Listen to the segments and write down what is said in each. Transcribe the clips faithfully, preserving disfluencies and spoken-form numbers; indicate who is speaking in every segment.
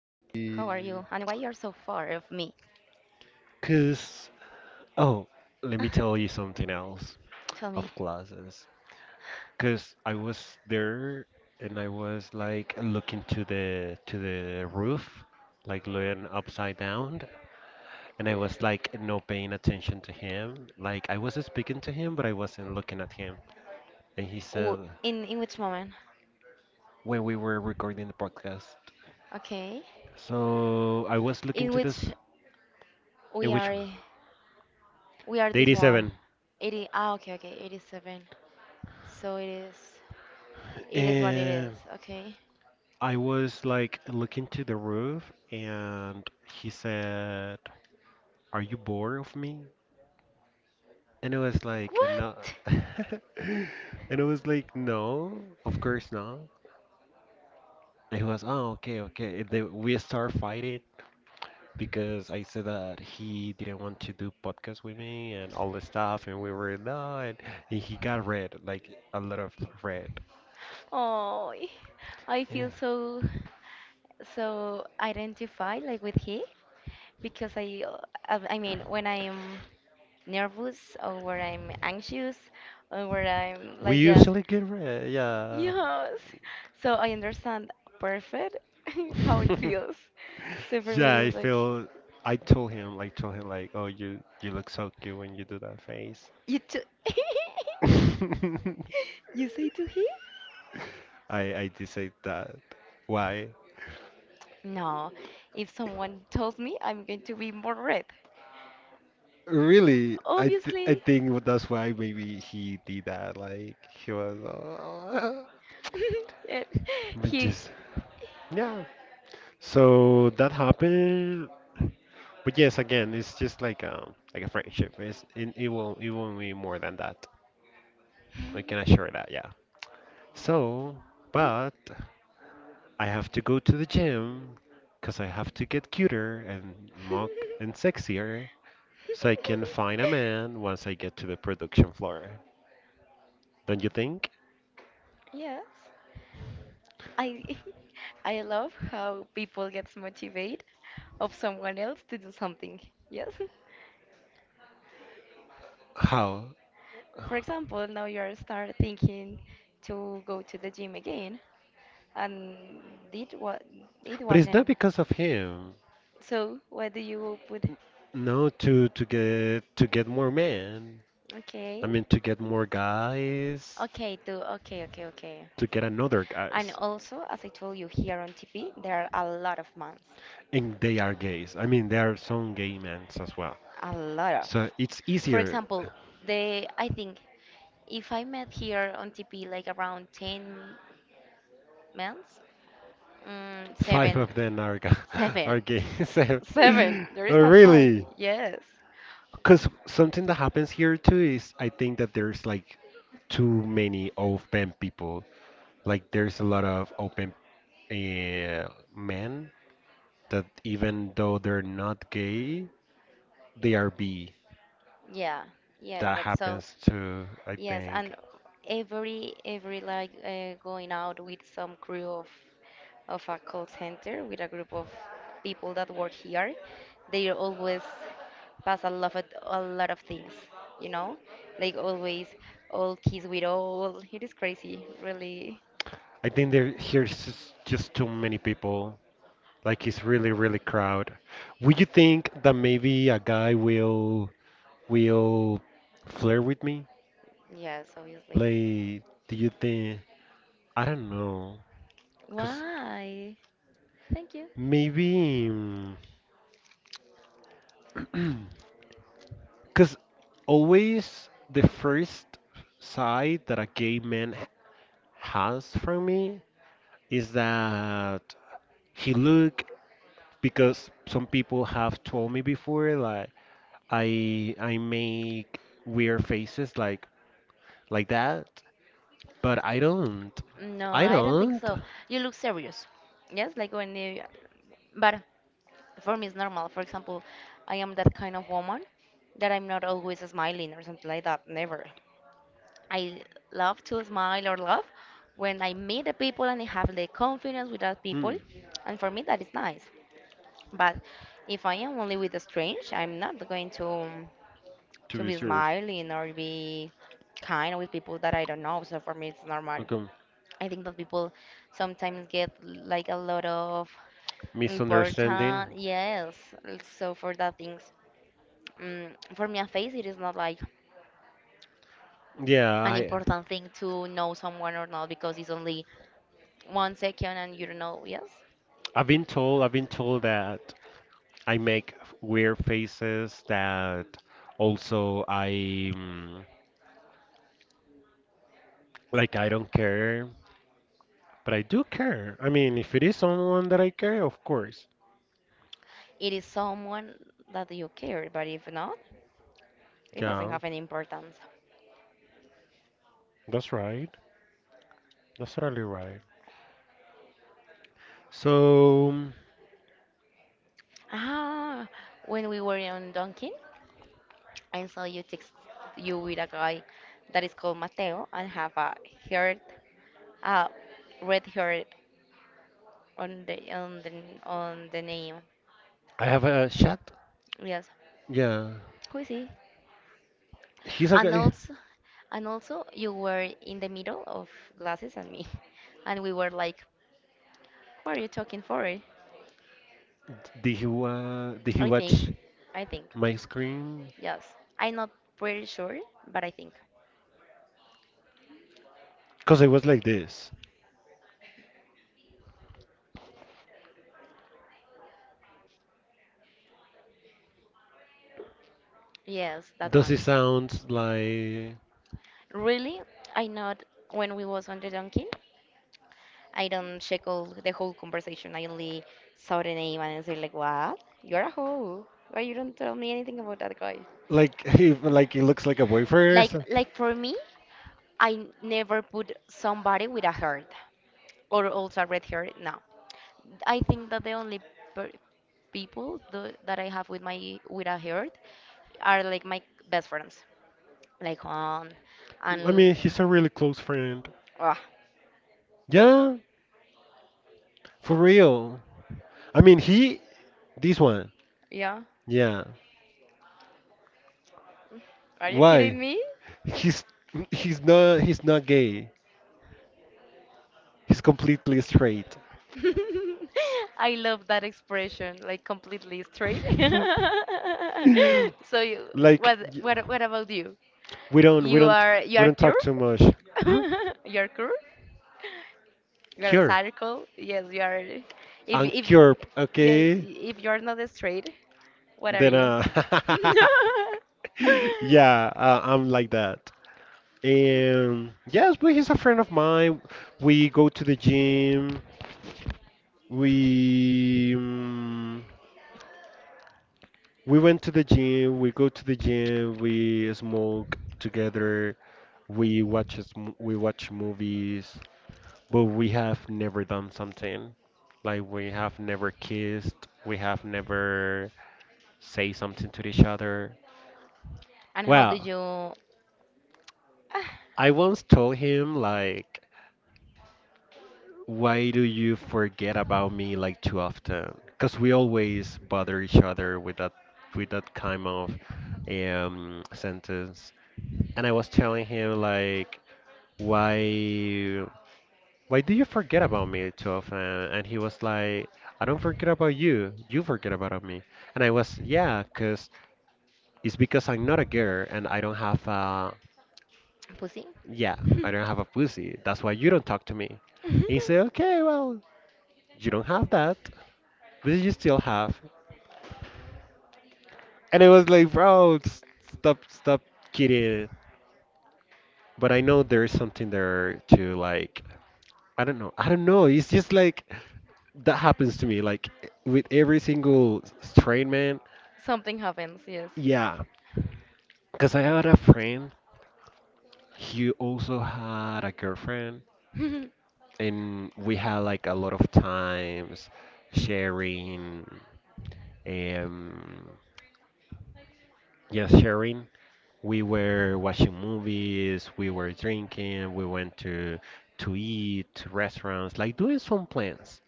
Speaker 1: how are you? And why you are so far of me?
Speaker 2: Cause oh, Let me tell you something else
Speaker 1: Tell
Speaker 2: of
Speaker 1: me,
Speaker 2: classes. Cause I was there and I was like looking to the to the roof, like looking upside down, and I was like not paying attention to him. Like I was speaking to him, but I wasn't looking at him. And he said
Speaker 1: w in in which moment?
Speaker 2: when we were recording the podcast.
Speaker 1: Okay,
Speaker 2: So I was looking to
Speaker 1: in
Speaker 2: this
Speaker 1: which
Speaker 2: in
Speaker 1: we
Speaker 2: which one?
Speaker 1: are we
Speaker 2: The
Speaker 1: are this one.
Speaker 2: eighty-seven.
Speaker 1: eighty. Ah, okay, okay, eighty-seven. So it is. It is what it
Speaker 2: And
Speaker 1: is. Okay.
Speaker 2: I was like looking to the roof and he said, "Are you bored of me?" And it was like, "No."
Speaker 1: What?
Speaker 2: And it was like, "No, of course not." It was, "Oh, okay, okay." They, we start fighting because I said that he didn't want to do podcast with me and all the stuff. And we were, "No." And and he got red, like a lot of red.
Speaker 1: Oh, I
Speaker 2: Yeah.
Speaker 1: feel so so identified like with he because I uh, I I mean when I'm nervous or when I'm anxious or when I'm
Speaker 2: We
Speaker 1: like yes.
Speaker 2: usually get red, yeah.
Speaker 1: Yes. So I understand perfect, how it feels. So for
Speaker 2: Yeah,
Speaker 1: me,
Speaker 2: I
Speaker 1: it is like,
Speaker 2: feel. I told him, like, told him, like, oh, you you look so cute when you do that face.
Speaker 1: you too.
Speaker 2: I
Speaker 1: You say to he?
Speaker 2: I did say that. Why?
Speaker 1: No. If someone tells me, I'm going to be more red.
Speaker 2: Really, I th I
Speaker 1: Obviously.
Speaker 2: think that's why maybe he did that. Like he was, uh,
Speaker 1: Yeah.
Speaker 2: but
Speaker 1: He.
Speaker 2: just yeah. So that happened. But yes, again, it's just like um like a friendship. It's it, it won't, it won't be more than that. I can assure that. Yeah. So, but. I have to go to the gym because I have to get cuter and more and sexier so I can find a man once I get to the production floor. Don't you think?
Speaker 1: Yes. I I love how people gets motivated of someone else to do something. Yes.
Speaker 2: How?
Speaker 1: For example, now you are start thinking to go to the gym again, and it what it
Speaker 2: But it's not
Speaker 1: wasn't.
Speaker 2: because of him.
Speaker 1: So what do you put?
Speaker 2: No, to to get to get more men. I
Speaker 1: Okay.
Speaker 2: mean, to get more guys,
Speaker 1: Okay, do okay, okay, okay.
Speaker 2: to get another
Speaker 1: And
Speaker 2: guys.
Speaker 1: also, as I told you here on T P, there are a lot of months.
Speaker 2: And they are gays. I mean, there are some gay men as well.
Speaker 1: A lot of.
Speaker 2: So it's
Speaker 1: For
Speaker 2: easier.
Speaker 1: example, the I think if I met here on T P like around ten months, mm,
Speaker 2: Five
Speaker 1: seven,
Speaker 2: of them are ga- are
Speaker 1: seven.
Speaker 2: gay. So,
Speaker 1: Seven. There
Speaker 2: oh,
Speaker 1: is not really? Five.
Speaker 2: really,
Speaker 1: Yes.
Speaker 2: because something that happens here too is I think that there's like too many open people. Like there's a lot of open uh, men that even though they're not gay, they are B.
Speaker 1: Yeah, yeah,
Speaker 2: That
Speaker 1: that's so.
Speaker 2: happens too. I
Speaker 1: Yes,
Speaker 2: think.
Speaker 1: and every every like uh, going out with some crew of of a call center with a group of people that work here, they always pass a lot of a lot of things, you know, like always all kiss with all. It is crazy, really.
Speaker 2: I think there here's just just too many people. Like it's really really crowd. Would you think that maybe a guy will? Will flirt with me?
Speaker 1: Yes, obviously.
Speaker 2: Like, do you think? I don't know, cause
Speaker 1: Why? Thank you.
Speaker 2: maybe, because always the first side that a gay man h- has from me is that he look because some people have told me before like I I make weird faces like like that, but I don't.
Speaker 1: No,
Speaker 2: I
Speaker 1: I don't think
Speaker 2: don't.
Speaker 1: so. You look serious. Yes, like when you, but for me it's normal. For example, I am that kind of woman that I'm not always smiling or something like that. Never. I love to smile or laugh when I meet the people and I have the confidence with that
Speaker 2: Hmm.
Speaker 1: people, and for me that is nice. But if I am only with a strange, I'm not going to
Speaker 2: To
Speaker 1: to
Speaker 2: be
Speaker 1: be
Speaker 2: serious.
Speaker 1: smiling or be kind with people that I don't know. So for me it's normal.
Speaker 2: Okay.
Speaker 1: I think that people sometimes get like a lot of
Speaker 2: Misunderstanding.
Speaker 1: important, yes. So for that things, mm, for me a face it is not like
Speaker 2: Yeah,
Speaker 1: an
Speaker 2: I
Speaker 1: important thing to know someone or not because it's only one second and you don't know. Yes,
Speaker 2: I've been told, I've been told that I make weird faces that also I mm, like I don't care, but I do care. I mean, if it is someone that I care, of course.
Speaker 1: it is someone that you care, but if not, it doesn't
Speaker 2: Yeah,
Speaker 1: have any importance.
Speaker 2: that's right. That's totally right. So mm,
Speaker 1: Ah, when we were in Dunkin', I saw you text you with a guy that is called Mateo and have a heart, a red hair on the on the on the name.
Speaker 2: I have a chat.
Speaker 1: Yes,
Speaker 2: Yeah,
Speaker 1: who is he?
Speaker 2: he's a
Speaker 1: And
Speaker 2: guy.
Speaker 1: also, and also, you were in the middle of glasses and me, and we were like, "What are you talking for?"
Speaker 2: Did he wa did he
Speaker 1: I
Speaker 2: watch
Speaker 1: think, I think,
Speaker 2: my screen?
Speaker 1: yes. I'm not pretty sure, but I think
Speaker 2: Because I was like this.
Speaker 1: yes, that
Speaker 2: Does it
Speaker 1: one.
Speaker 2: sound like?
Speaker 1: Really, I not when we was on the donkey. I don't check all the whole conversation. I only saw the name and I say like, "What? You're a hoe? Why you don't tell me anything about that guy?"
Speaker 2: Like he, like he looks like a boyfriend. Or
Speaker 1: Like
Speaker 2: some-
Speaker 1: like for me, I never put somebody with a heart or also a red hair. No, I think that the only per people tho- that I have with my with a heart are like my best friends, like Han
Speaker 2: I
Speaker 1: and
Speaker 2: mean, he's a really close friend.
Speaker 1: ah
Speaker 2: Yeah, for real. I mean, he this one.
Speaker 1: yeah.
Speaker 2: Yeah.
Speaker 1: Are you
Speaker 2: Why?
Speaker 1: kidding me?
Speaker 2: He's, he's not he's not gay. He's completely straight.
Speaker 1: I love that expression, like completely straight. So you,
Speaker 2: Like
Speaker 1: what
Speaker 2: y-
Speaker 1: what what about you?
Speaker 2: we don't, we
Speaker 1: You
Speaker 2: don't
Speaker 1: are you
Speaker 2: we
Speaker 1: are
Speaker 2: don't talk
Speaker 1: cured?
Speaker 2: too much. Hmm?
Speaker 1: You're cool. You're a
Speaker 2: Cure.
Speaker 1: circle? Yes, you are. If if
Speaker 2: Uncurb.
Speaker 1: yes,
Speaker 2: Okay.
Speaker 1: if you're not straight, what are
Speaker 2: Then
Speaker 1: you?
Speaker 2: uh. Yeah, uh, I'm like that. And yes, but he's a friend of mine. We go to the gym. We um, we went to the gym. We go to the gym. We smoke together. We watch s- m- we watch movies. But we have never done something, like we have never kissed. We have never say something to each other.
Speaker 1: And how did
Speaker 2: Well,
Speaker 1: you ah,
Speaker 2: I once told him like. Why do you forget about me like too often? Because we always bother each other with that, with that kind of um, sentence. And I was telling him like, why why do you forget about me too often? And he was like, "I don't forget about you. You forget about me." And I was, yeah, because it's because I'm not a girl and I don't have a
Speaker 1: pussy?
Speaker 2: yeah, I don't have a pussy. That's why you don't talk to me. And he said, okay, well, you don't have that. This you still have. And I was like, bro, s- stop, stop kidding. But I know there's something there to like, I don't know. I don't know. It's just like that happens to me, like with every single straight man.
Speaker 1: Something happens. Yes.
Speaker 2: Yeah, because I had a friend. He also had a girlfriend,
Speaker 1: Mm,
Speaker 2: and we had like a lot of times sharing, um, yeah, sharing. We were watching movies, we were drinking, we went to to eat, to restaurants, like doing some plans.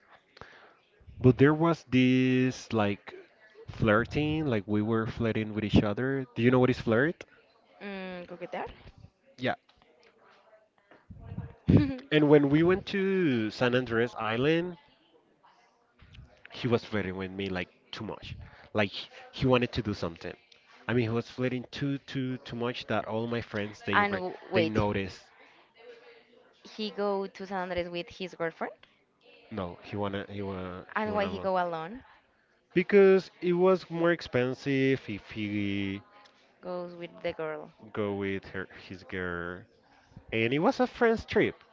Speaker 2: But there was this like flirting, like we were flirting with each other. Do you know what is flirt?
Speaker 1: coquetear.
Speaker 2: Yeah. And when we went to San Andres Island, he was flirting with me like too much. Like he he wanted to do something. I mean, he was flirting too too too much that all my friends they
Speaker 1: And
Speaker 2: re-
Speaker 1: w-
Speaker 2: they
Speaker 1: wait,
Speaker 2: noticed.
Speaker 1: he go to San Andres with his girlfriend,
Speaker 2: No, he wanna, he wanna he
Speaker 1: and why he
Speaker 2: wanna.
Speaker 1: go alone?
Speaker 2: Because it was more expensive if he
Speaker 1: Goes with the girl.
Speaker 2: go with her his girl, and it was a friend's trip.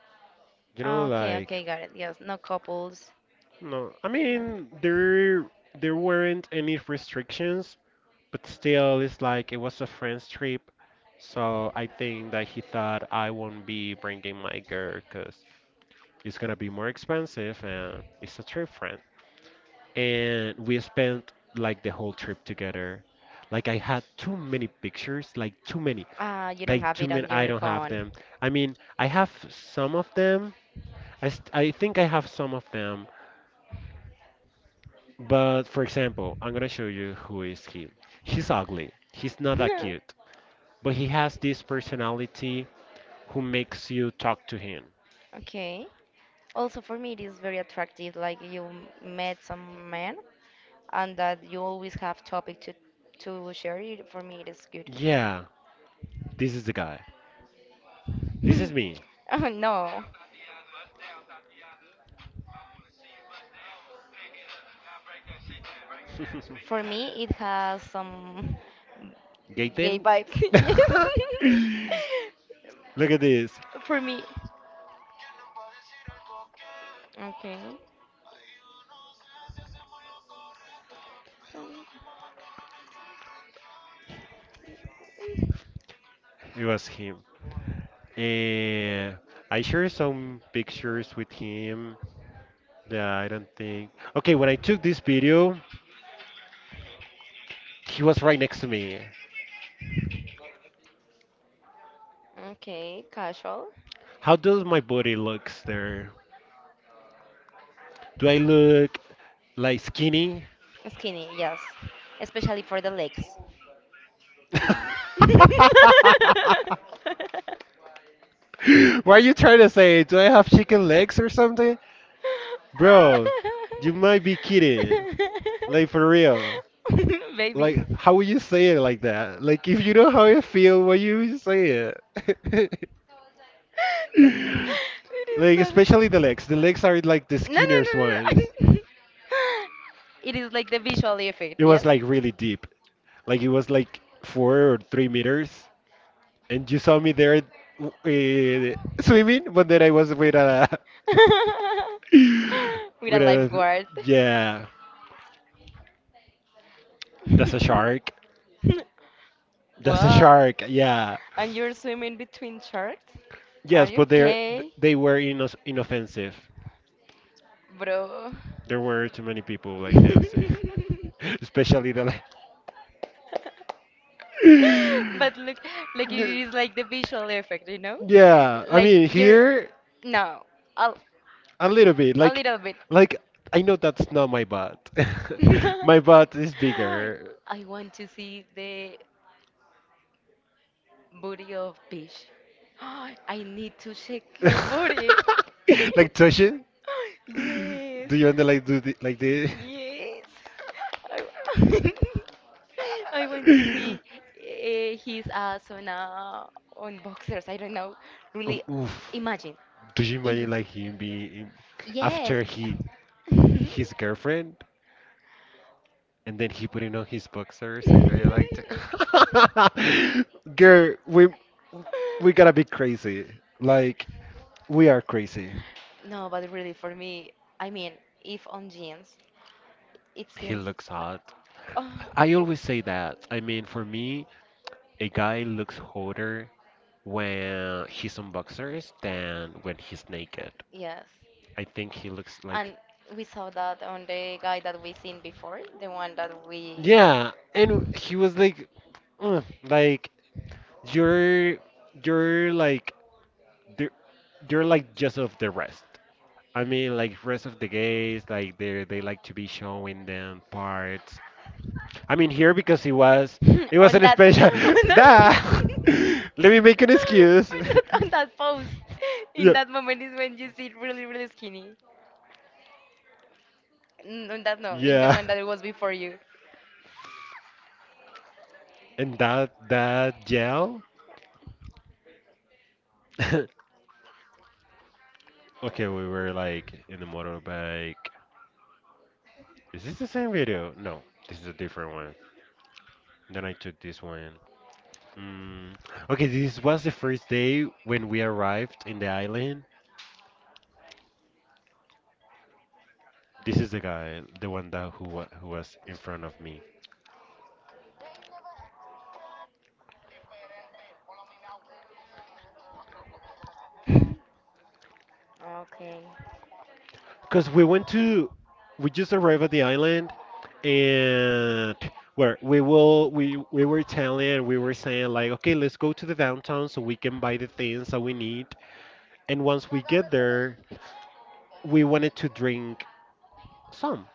Speaker 2: You know,
Speaker 1: Ah, okay,
Speaker 2: like
Speaker 1: okay, got it. Yes, no couples.
Speaker 2: no, I
Speaker 1: Nothing.
Speaker 2: mean, there there weren't any restrictions, but still, it's like it was a friend's trip. So I think that he thought I won't be bringing my girl because it's gonna be more expensive and it's a trip friend. And we spent like the whole trip together. Like I had too many pictures, like too many.
Speaker 1: Ah, you don't
Speaker 2: Like
Speaker 1: have
Speaker 2: two
Speaker 1: it
Speaker 2: min,
Speaker 1: on
Speaker 2: I
Speaker 1: your
Speaker 2: don't have
Speaker 1: phone.
Speaker 2: them. I mean, I have some of them. I, st I think I have some of them. But for example, I'm gonna show you who is he. He's ugly. He's not that cute. But he has this personality who makes you talk to him.
Speaker 1: Okay. Also, for me, it is very attractive. Like you m- met some man, and that you always have topic to to share. It for me, it is good.
Speaker 2: Yeah, this is the guy. This is me.
Speaker 1: Oh, no, for me, it has some gay
Speaker 2: Gaten?
Speaker 1: vibes. Yes.
Speaker 2: Look at this.
Speaker 1: For me. Okay. Mm,
Speaker 2: It was him. And I shared some pictures with him that I don't think. Okay, when I took this video, he was right next to me.
Speaker 1: okay, casual.
Speaker 2: How does my body looks there? Do I look like skinny?
Speaker 1: Skinny, yes. Especially for the legs.
Speaker 2: What are you trying to say? Do I have chicken legs or something? Bro, you might be kidding. Like for real.
Speaker 1: Baby.
Speaker 2: Like how would you say it like that? Like if you know how you feel, why you say it?
Speaker 1: It is
Speaker 2: Like especially the
Speaker 1: not.
Speaker 2: legs. The legs are
Speaker 1: No,
Speaker 2: like the
Speaker 1: no, no,
Speaker 2: skinniest ones.
Speaker 1: no, no. It is like the visual effect,
Speaker 2: It was
Speaker 1: yes?
Speaker 2: like really deep. Like it was like four or three meters, and you saw me there uh, swimming, but then I was with a
Speaker 1: With a
Speaker 2: with a
Speaker 1: lifeguard.
Speaker 2: yeah. That's a shark. That's a
Speaker 1: What?
Speaker 2: shark. Yeah.
Speaker 1: And you're swimming between sharks? Are
Speaker 2: Yes,
Speaker 1: you
Speaker 2: but they
Speaker 1: okay,
Speaker 2: they were inno inoffensive.
Speaker 1: bro?
Speaker 2: There were too many people like them, see. Especially the. le-
Speaker 1: But look, like it is like the visual effect, you know?
Speaker 2: Yeah, I
Speaker 1: Like
Speaker 2: mean
Speaker 1: you're
Speaker 2: here
Speaker 1: no, a,
Speaker 2: a
Speaker 1: a
Speaker 2: little
Speaker 1: little
Speaker 2: bit, like,
Speaker 1: bit.
Speaker 2: like I know that's not my butt. My butt is
Speaker 1: Different.
Speaker 2: bigger.
Speaker 1: I want to see the booty of Peach. I need to check your booty.
Speaker 2: Like touching?
Speaker 1: Like, yes.
Speaker 2: Do you want to like do the, like this?
Speaker 1: Understand? Yes. I I went to see uh, his ass on uh, on boxers. I don't know.
Speaker 2: Um,
Speaker 1: Really,
Speaker 2: oof.
Speaker 1: imagine
Speaker 2: Do you
Speaker 1: if
Speaker 2: imagine like him being
Speaker 1: yes.
Speaker 2: after he his girlfriend and then he putting on his boxers and going like, that? Girl, we we gotta be crazy. Like we are crazy.
Speaker 1: No, but really, for me, I mean, if on jeans, it
Speaker 2: He
Speaker 1: seems,
Speaker 2: looks hot.
Speaker 1: oh,
Speaker 2: I always say that. I mean, for me, a guy looks hotter when he's on boxers than when he's naked.
Speaker 1: yes.
Speaker 2: I think he looks like.
Speaker 1: And we saw that on the guy that we seen before, the one that we.
Speaker 2: Yeah, and he was like, "Ugh," like you're, you're like, the- you're like just of the rest. I mean, like rest of the gays, like they they like to be showing them parts, I mean here because it was,
Speaker 1: It
Speaker 2: it was
Speaker 1: was on
Speaker 2: an
Speaker 1: that on
Speaker 2: special. Nah,
Speaker 1: that
Speaker 2: let me make an
Speaker 1: on
Speaker 2: excuse.
Speaker 1: that on that pose in
Speaker 2: Yeah.
Speaker 1: that moment is when you see really really skinny. N- on that, no, in the
Speaker 2: Yeah.
Speaker 1: one that was before you.
Speaker 2: And that that gel. Okay, we were like in the motorbike. Is this the same video? No, this is a different one. Then I took this one. Mm. Okay, this was the first day when we arrived in the island. This is the guy, the one that who wa- who was in front of me.
Speaker 1: Okay.
Speaker 2: Because we went to, we just arrived at the island, and where we will, we we were telling, we were saying like, okay, let's go to the downtown so we can buy the things that we need. And once we get there, we wanted to drink some,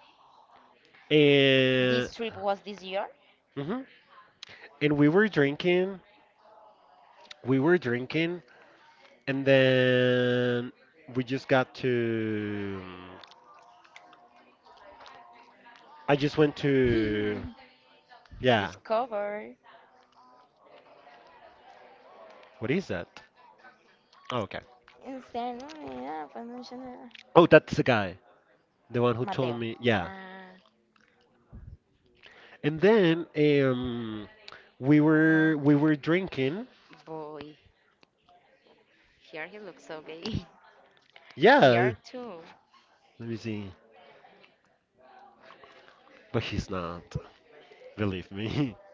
Speaker 2: and
Speaker 1: This trip was this year?
Speaker 2: mhm. And we were drinking, we were drinking, and then we just got to, I just went
Speaker 1: I
Speaker 2: to, yeah,
Speaker 1: discover
Speaker 2: what is that? Oh, okay.
Speaker 1: instead, no, yeah, but no,
Speaker 2: Oh, that's the guy. The one who told
Speaker 1: Mateo.
Speaker 2: me, yeah.
Speaker 1: Ah.
Speaker 2: And then um, we
Speaker 1: Mm.
Speaker 2: were, we were drinking.
Speaker 1: Boy, here he looks so gay, here
Speaker 2: Yeah,
Speaker 1: too.
Speaker 2: let me see. But he's not, believe me.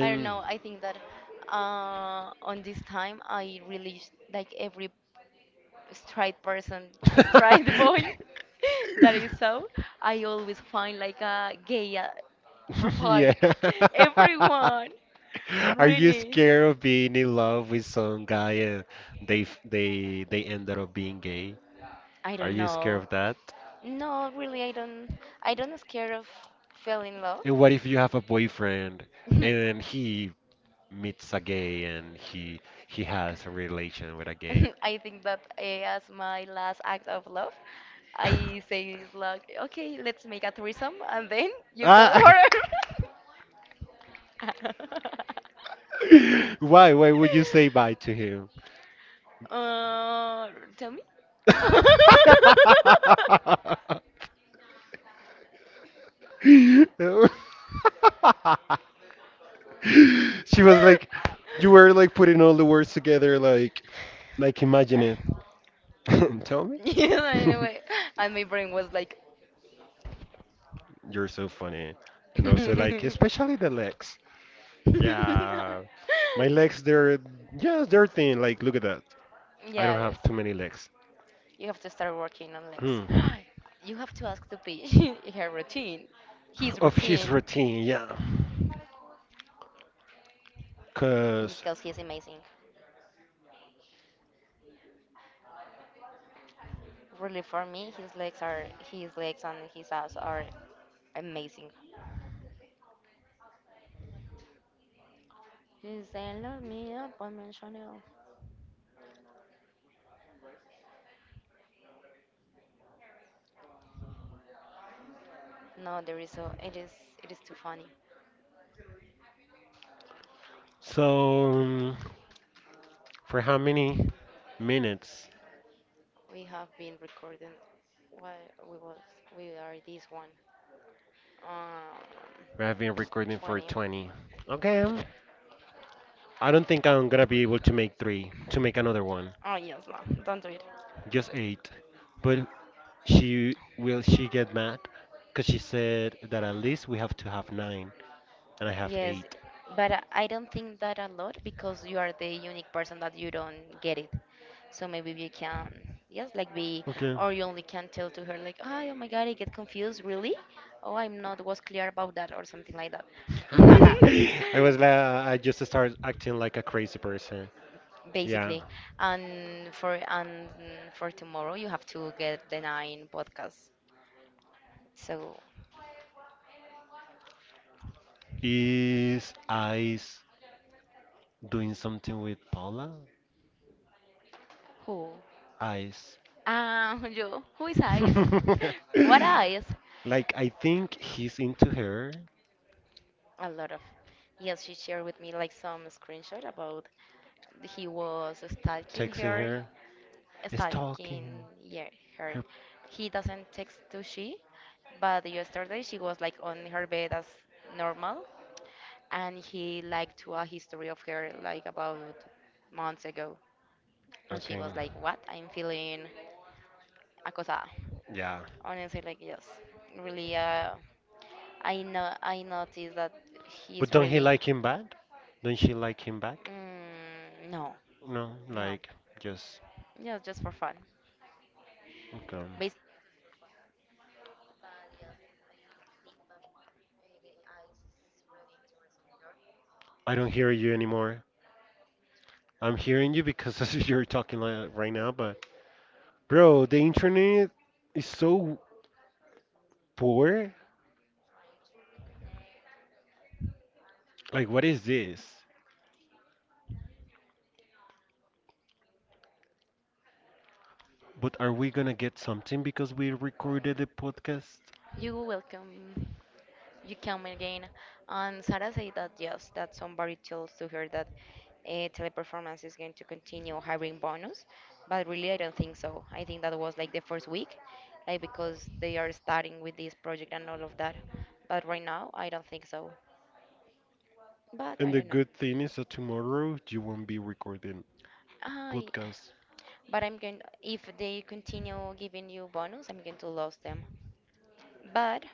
Speaker 1: I don't know. I think that uh, on this time, I really sh- like every straight person, straight boy, that is so. I always find like a gay uh,
Speaker 2: yeah.
Speaker 1: profile. Everyone,
Speaker 2: Are you
Speaker 1: really.
Speaker 2: scared of being in love with some guy and they f- they they ended up being gay?
Speaker 1: I
Speaker 2: Are
Speaker 1: don't
Speaker 2: you scared
Speaker 1: know.
Speaker 2: of that?
Speaker 1: No, really, I don't. I don't scared of fell in love.
Speaker 2: And what if you have a boyfriend and then he meets a gay and he he has a relation with a gay?
Speaker 1: I think that eh, as my last act of love, I say like, okay, let's make a threesome, and then you go
Speaker 2: Ah,
Speaker 1: for it.
Speaker 2: why? Why would you say bye to him?
Speaker 1: uh, Tell me.
Speaker 2: she was like, you were like putting all the words together, like, like imagine it. Tell me.
Speaker 1: Yeah, anyway, and my brain was like.
Speaker 2: You're so funny. And also like especially the legs. Yeah. My legs they're yes, they're thin. Like look at that. I don't
Speaker 1: Yes.
Speaker 2: have too many legs.
Speaker 1: You have to start working on Lex.
Speaker 2: Hmm.
Speaker 1: You have to ask to be her routine, his
Speaker 2: Of his
Speaker 1: routine,
Speaker 2: routine, yeah. Cause
Speaker 1: because he's amazing. Really, for me, his legs are his legs and his ass are amazing. He's said, "Love me up, I'm in Chanel." No, there is a. It is. It is too funny.
Speaker 2: so um, for how many minutes
Speaker 1: We have been recording. What we was. We are this one.
Speaker 2: we have been
Speaker 1: Um,
Speaker 2: recording for
Speaker 1: Twenty.
Speaker 2: twenty? Okay. I don't think I'm gonna be able to make three to make another one.
Speaker 1: Oh yes, no, don't do it.
Speaker 2: Just eight. But she will she get mad? Cause she said that at least we have to have nine, and I have
Speaker 1: Yes,
Speaker 2: eight.
Speaker 1: but I I don't think that a lot because you are the unique person that you don't get it. So maybe you can, yes, like be,
Speaker 2: Okay.
Speaker 1: or you only can tell to her like, "Ah, oh my God, I get confused, really? Oh, I'm not was clear about that or something like that."
Speaker 2: I was like, I just started acting like a crazy person. Yeah.
Speaker 1: Basically, and for and for tomorrow you have to get the nine podcasts. So
Speaker 2: Is Ice doing something with Paula?
Speaker 1: who?
Speaker 2: Ice.
Speaker 1: Ah, yo. Who is eyes? What eyes?
Speaker 2: Like I think he's into her.
Speaker 1: A lot of. Yes, she shared with me like some screenshot about he was stalking
Speaker 2: Texting
Speaker 1: her,
Speaker 2: her. It's
Speaker 1: stalking,
Speaker 2: talking.
Speaker 1: yeah, her.
Speaker 2: Her.
Speaker 1: He doesn't text to she, but yesterday she was like on her bed as normal, and he liked to a history of her like about months ago, and she
Speaker 2: Okay.
Speaker 1: was like, "What? I'm feeling acosada."
Speaker 2: Yeah.
Speaker 1: Honestly, like yes, really. Uh, I know I noticed that
Speaker 2: But
Speaker 1: he's
Speaker 2: don't he
Speaker 1: really.
Speaker 2: like him bad? Don't she like him back?
Speaker 1: Mm, no,
Speaker 2: No.
Speaker 1: no.
Speaker 2: Like just.
Speaker 1: Yeah, just for fun.
Speaker 2: Okay.
Speaker 1: Basically, just for fun. But yes, I, I think that uh, Ice is really interested on her.
Speaker 2: I
Speaker 1: But
Speaker 2: don't
Speaker 1: she
Speaker 2: hear
Speaker 1: is
Speaker 2: you
Speaker 1: like,
Speaker 2: anymore.
Speaker 1: me too.
Speaker 2: I'm hearing you because you're talking like right now. But bro, the internet is
Speaker 1: Trying to
Speaker 2: so
Speaker 1: reconnect.
Speaker 2: poor.
Speaker 1: Trying to reconnect. One, two,
Speaker 2: Like,
Speaker 1: three,
Speaker 2: what is
Speaker 1: one, two,
Speaker 2: this?
Speaker 1: three, yeah.
Speaker 2: But are we gonna get something because we recorded the podcast?
Speaker 1: You welcome. You come again. And Sarah said that yes, that somebody tells to her that uh, teleperformance is going to continue hiring bonus, but really I don't think so. I think that was like the first week, like because they are starting with this project and all of that. But right now I don't think so. But I
Speaker 2: And the
Speaker 1: don't know.
Speaker 2: good thing is that tomorrow you won't be recording
Speaker 1: I,
Speaker 2: podcast.
Speaker 1: but I'm going. If they continue giving you bonus, I'm going to lose them. But.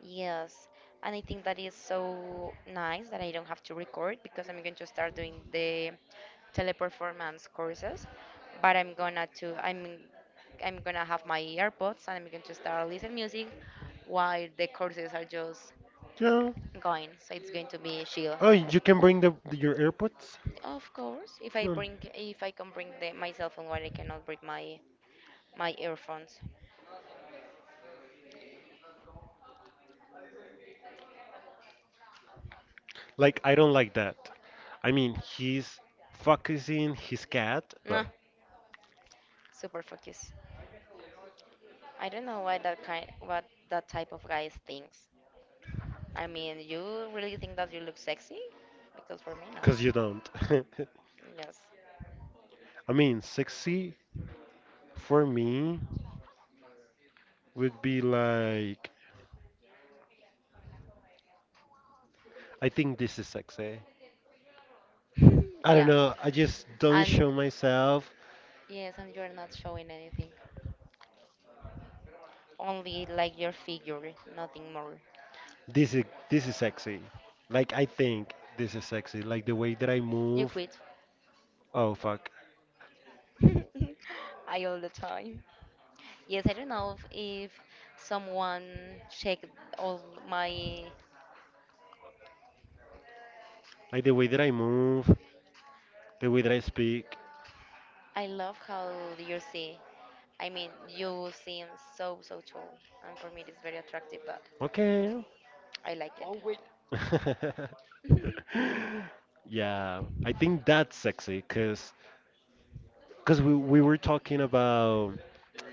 Speaker 1: Yes, and I think that is so nice that I don't have to record because I'm going to start doing the teleperformance courses, but I'm gonna to I'm I'm gonna have my earbuds and I'm going to start listening music while the courses are just
Speaker 2: Yeah.
Speaker 1: going. So it's going to be chill.
Speaker 2: Oh, you can bring the your AirPods?
Speaker 1: Of course, if I
Speaker 2: Hmm.
Speaker 1: bring if I can bring the my cell phone while I cannot bring my my earphones.
Speaker 2: Like I don't like that. I mean, he's focusing his cat,
Speaker 1: Nah,
Speaker 2: but
Speaker 1: super focus. I don't know why that kind what that type of guys thinks. I mean, you really think that you look sexy? Because for me, not.
Speaker 2: cause you don't.
Speaker 1: Yes.
Speaker 2: I mean, sexy for me would be like I think this is sexy. I don't
Speaker 1: Yeah.
Speaker 2: know. I just don't
Speaker 1: And
Speaker 2: show myself.
Speaker 1: yes, and you're not showing anything. Only like your figure, nothing more.
Speaker 2: This is this is sexy. Like I think this is sexy. Like the way that I
Speaker 1: You
Speaker 2: move.
Speaker 1: quit.
Speaker 2: Oh fuck.
Speaker 1: I all the time. Yes, I don't know if, if someone checked all my.
Speaker 2: Like the way that I move, the way that I speak.
Speaker 1: I love how you see. I mean, you seem so so tall, and for me it is very attractive. That.
Speaker 2: Okay.
Speaker 1: I like it. Oh wait, your
Speaker 2: Yeah, I think that's sexy because because we we were talking about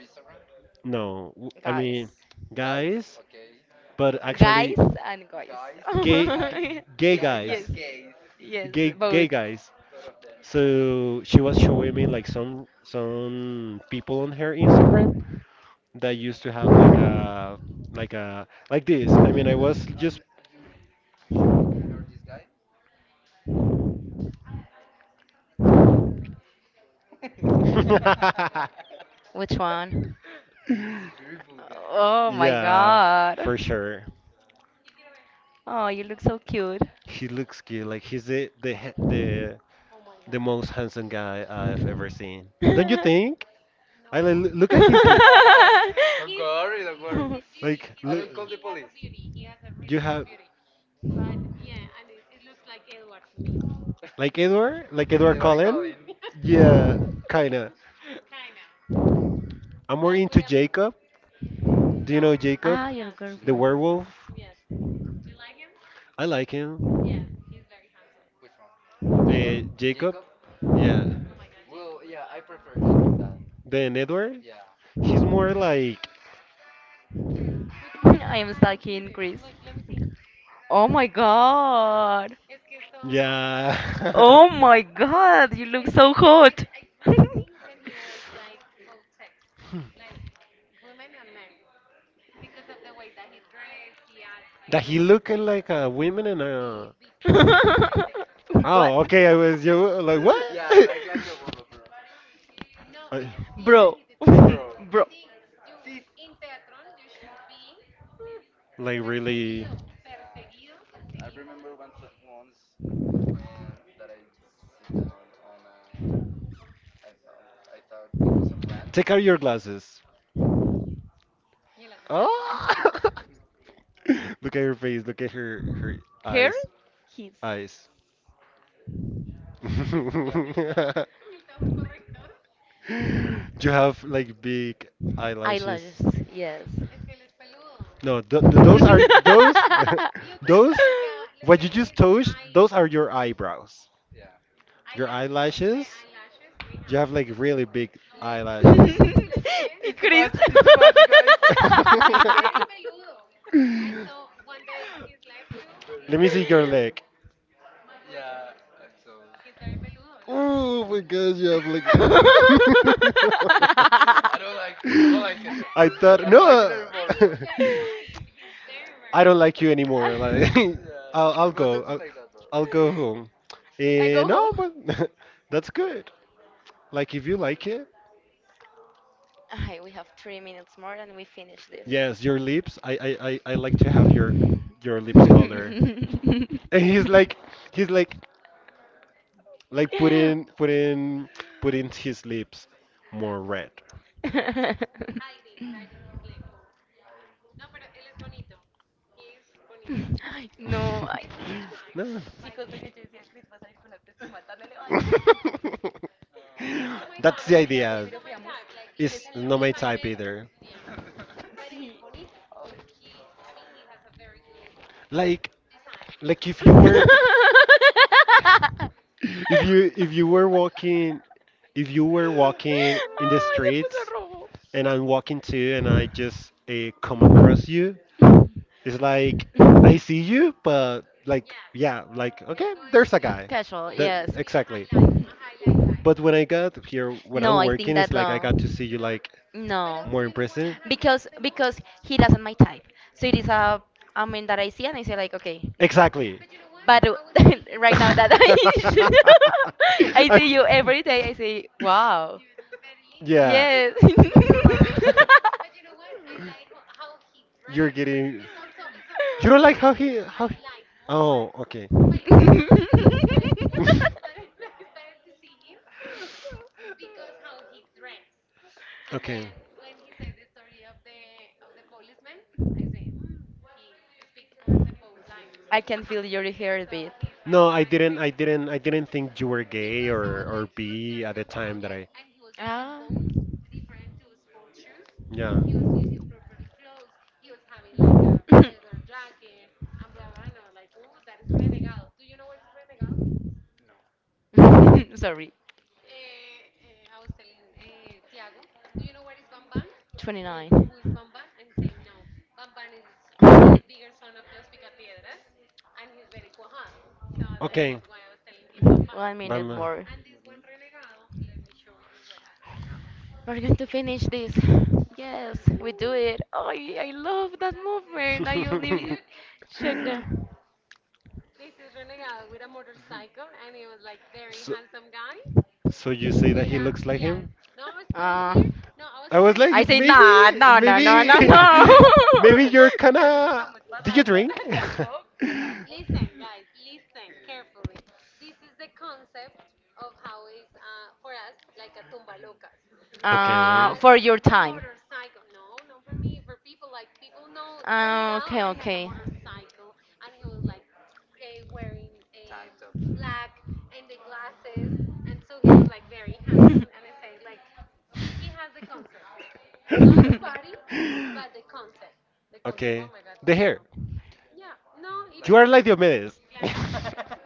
Speaker 1: Instagram?
Speaker 2: no, w- I
Speaker 1: Guys.
Speaker 2: mean guys, but
Speaker 1: Okay. Guys
Speaker 2: actually
Speaker 1: and guys. Guys and
Speaker 2: gay
Speaker 1: guys.
Speaker 2: gay
Speaker 1: Yes.
Speaker 2: guys,
Speaker 1: And gays. Yes,
Speaker 2: gay gay
Speaker 1: both.
Speaker 2: guys.
Speaker 1: Both of them.
Speaker 2: So she was showing me like some some people on her Instagram that used to have like a like a like this. I mean, I was just
Speaker 1: You're this guy? Which one? This beautiful guy. Oh my
Speaker 2: yeah,
Speaker 1: god.
Speaker 2: for sure.
Speaker 1: Oh, you look so cute.
Speaker 2: He looks cute. Like he's the the ha- the the most handsome guy I've ever seen. Don't you
Speaker 1: Don't,
Speaker 2: think? I li- look at his li- like look. You have like Edward, like Edward Cullen. Yeah, kinda. I'm more into Jacob. Do you know Jacob,
Speaker 1: ah, your she's my
Speaker 2: the
Speaker 1: girlfriend.
Speaker 2: werewolf? I like him.
Speaker 1: Which one?
Speaker 2: Uh, Jacob. Yeah.
Speaker 1: Well, yeah, I prefer doing
Speaker 2: Then Edward.
Speaker 1: that.
Speaker 2: He's more like
Speaker 1: Yeah. I am oh my god! Oh
Speaker 2: yeah.
Speaker 1: my god! You
Speaker 2: That he looking like a woman and a oh, okay. I was you like what?
Speaker 1: yeah, I like like a woman,
Speaker 2: I-
Speaker 1: bro,
Speaker 2: like really.
Speaker 1: remember once once um, that I sit down on a I thought I thought it was a plant.
Speaker 2: Take out your glasses. Oh! Look at her face. Look at her her
Speaker 1: Hair?
Speaker 2: eyes.
Speaker 1: His
Speaker 2: Eyes. You have like big eyelashes.
Speaker 1: eyelashes, yes.
Speaker 2: No, th th those are those those what you just touched. Those are your eyebrows. Your eyelashes. You have like really big
Speaker 1: Y Chris.
Speaker 2: let me see your leg. Oh my gosh, you have like. I thought no. I don't like you anymore. Like I'll I'll go. I'll, I'll go home.
Speaker 1: I
Speaker 2: Eh,
Speaker 1: go home.
Speaker 2: no, but that's good. Like if you like it,
Speaker 1: Ay, we have three minutes more and we finish this.
Speaker 2: yes, your lips. I I I, I like to have your your lips color. And he's like he's like like put in put in put in his lips more red.
Speaker 1: No, I.
Speaker 2: No. That's the idea. It's not my type either. Like like if you were if you if you were walking if you were
Speaker 1: Ay,
Speaker 2: walking in the
Speaker 1: se puso
Speaker 2: streets
Speaker 1: rojo.
Speaker 2: and I'm walking too and I just uh, come across you. It's like I see you, but like yeah, like okay, there's a guy.
Speaker 1: Casual,
Speaker 2: That
Speaker 1: yes.
Speaker 2: exactly. But when I got here, when
Speaker 1: No,
Speaker 2: I'm
Speaker 1: I think
Speaker 2: working,
Speaker 1: that
Speaker 2: it's like I
Speaker 1: no.
Speaker 2: got to see you like
Speaker 1: No,
Speaker 2: more in person.
Speaker 1: because because he doesn't my type. So it is a a man that I see and I say like, okay,
Speaker 2: Exactly.
Speaker 1: but uh, right now that I I
Speaker 2: I-
Speaker 1: see you every day, I say, wow.
Speaker 2: yeah.
Speaker 1: Yes.
Speaker 2: You're getting. You don't like how he how. He, oh, okay. Okay.
Speaker 1: Can feel your heartbeat.
Speaker 2: No, I didn't. I didn't. I didn't think you were gay or or bi at the time that I.
Speaker 1: Ah.
Speaker 2: Yeah.
Speaker 1: Sorry, twenty-nine.
Speaker 2: Okay.
Speaker 1: One minute
Speaker 2: Bye.
Speaker 1: more. We're going to finish this. Yes, we do it. Oh, I love that movement. I only check them.
Speaker 2: So, so you say that he looks like him?
Speaker 1: Uh,
Speaker 2: No, I was I was like, I
Speaker 1: I
Speaker 2: if say,
Speaker 1: say nah, no,
Speaker 2: nah,
Speaker 1: no, no,
Speaker 2: maybe, nah, no, no, no,
Speaker 1: no,
Speaker 2: no, maybe,
Speaker 1: no.
Speaker 2: no. Maybe you're kind of. Did you drink?
Speaker 1: Uh,
Speaker 2: Okay.
Speaker 1: for your time. Ah, okay, okay.
Speaker 2: Okay. Oh the no. Hair. Yeah, no, you are like Diomedes. Like no.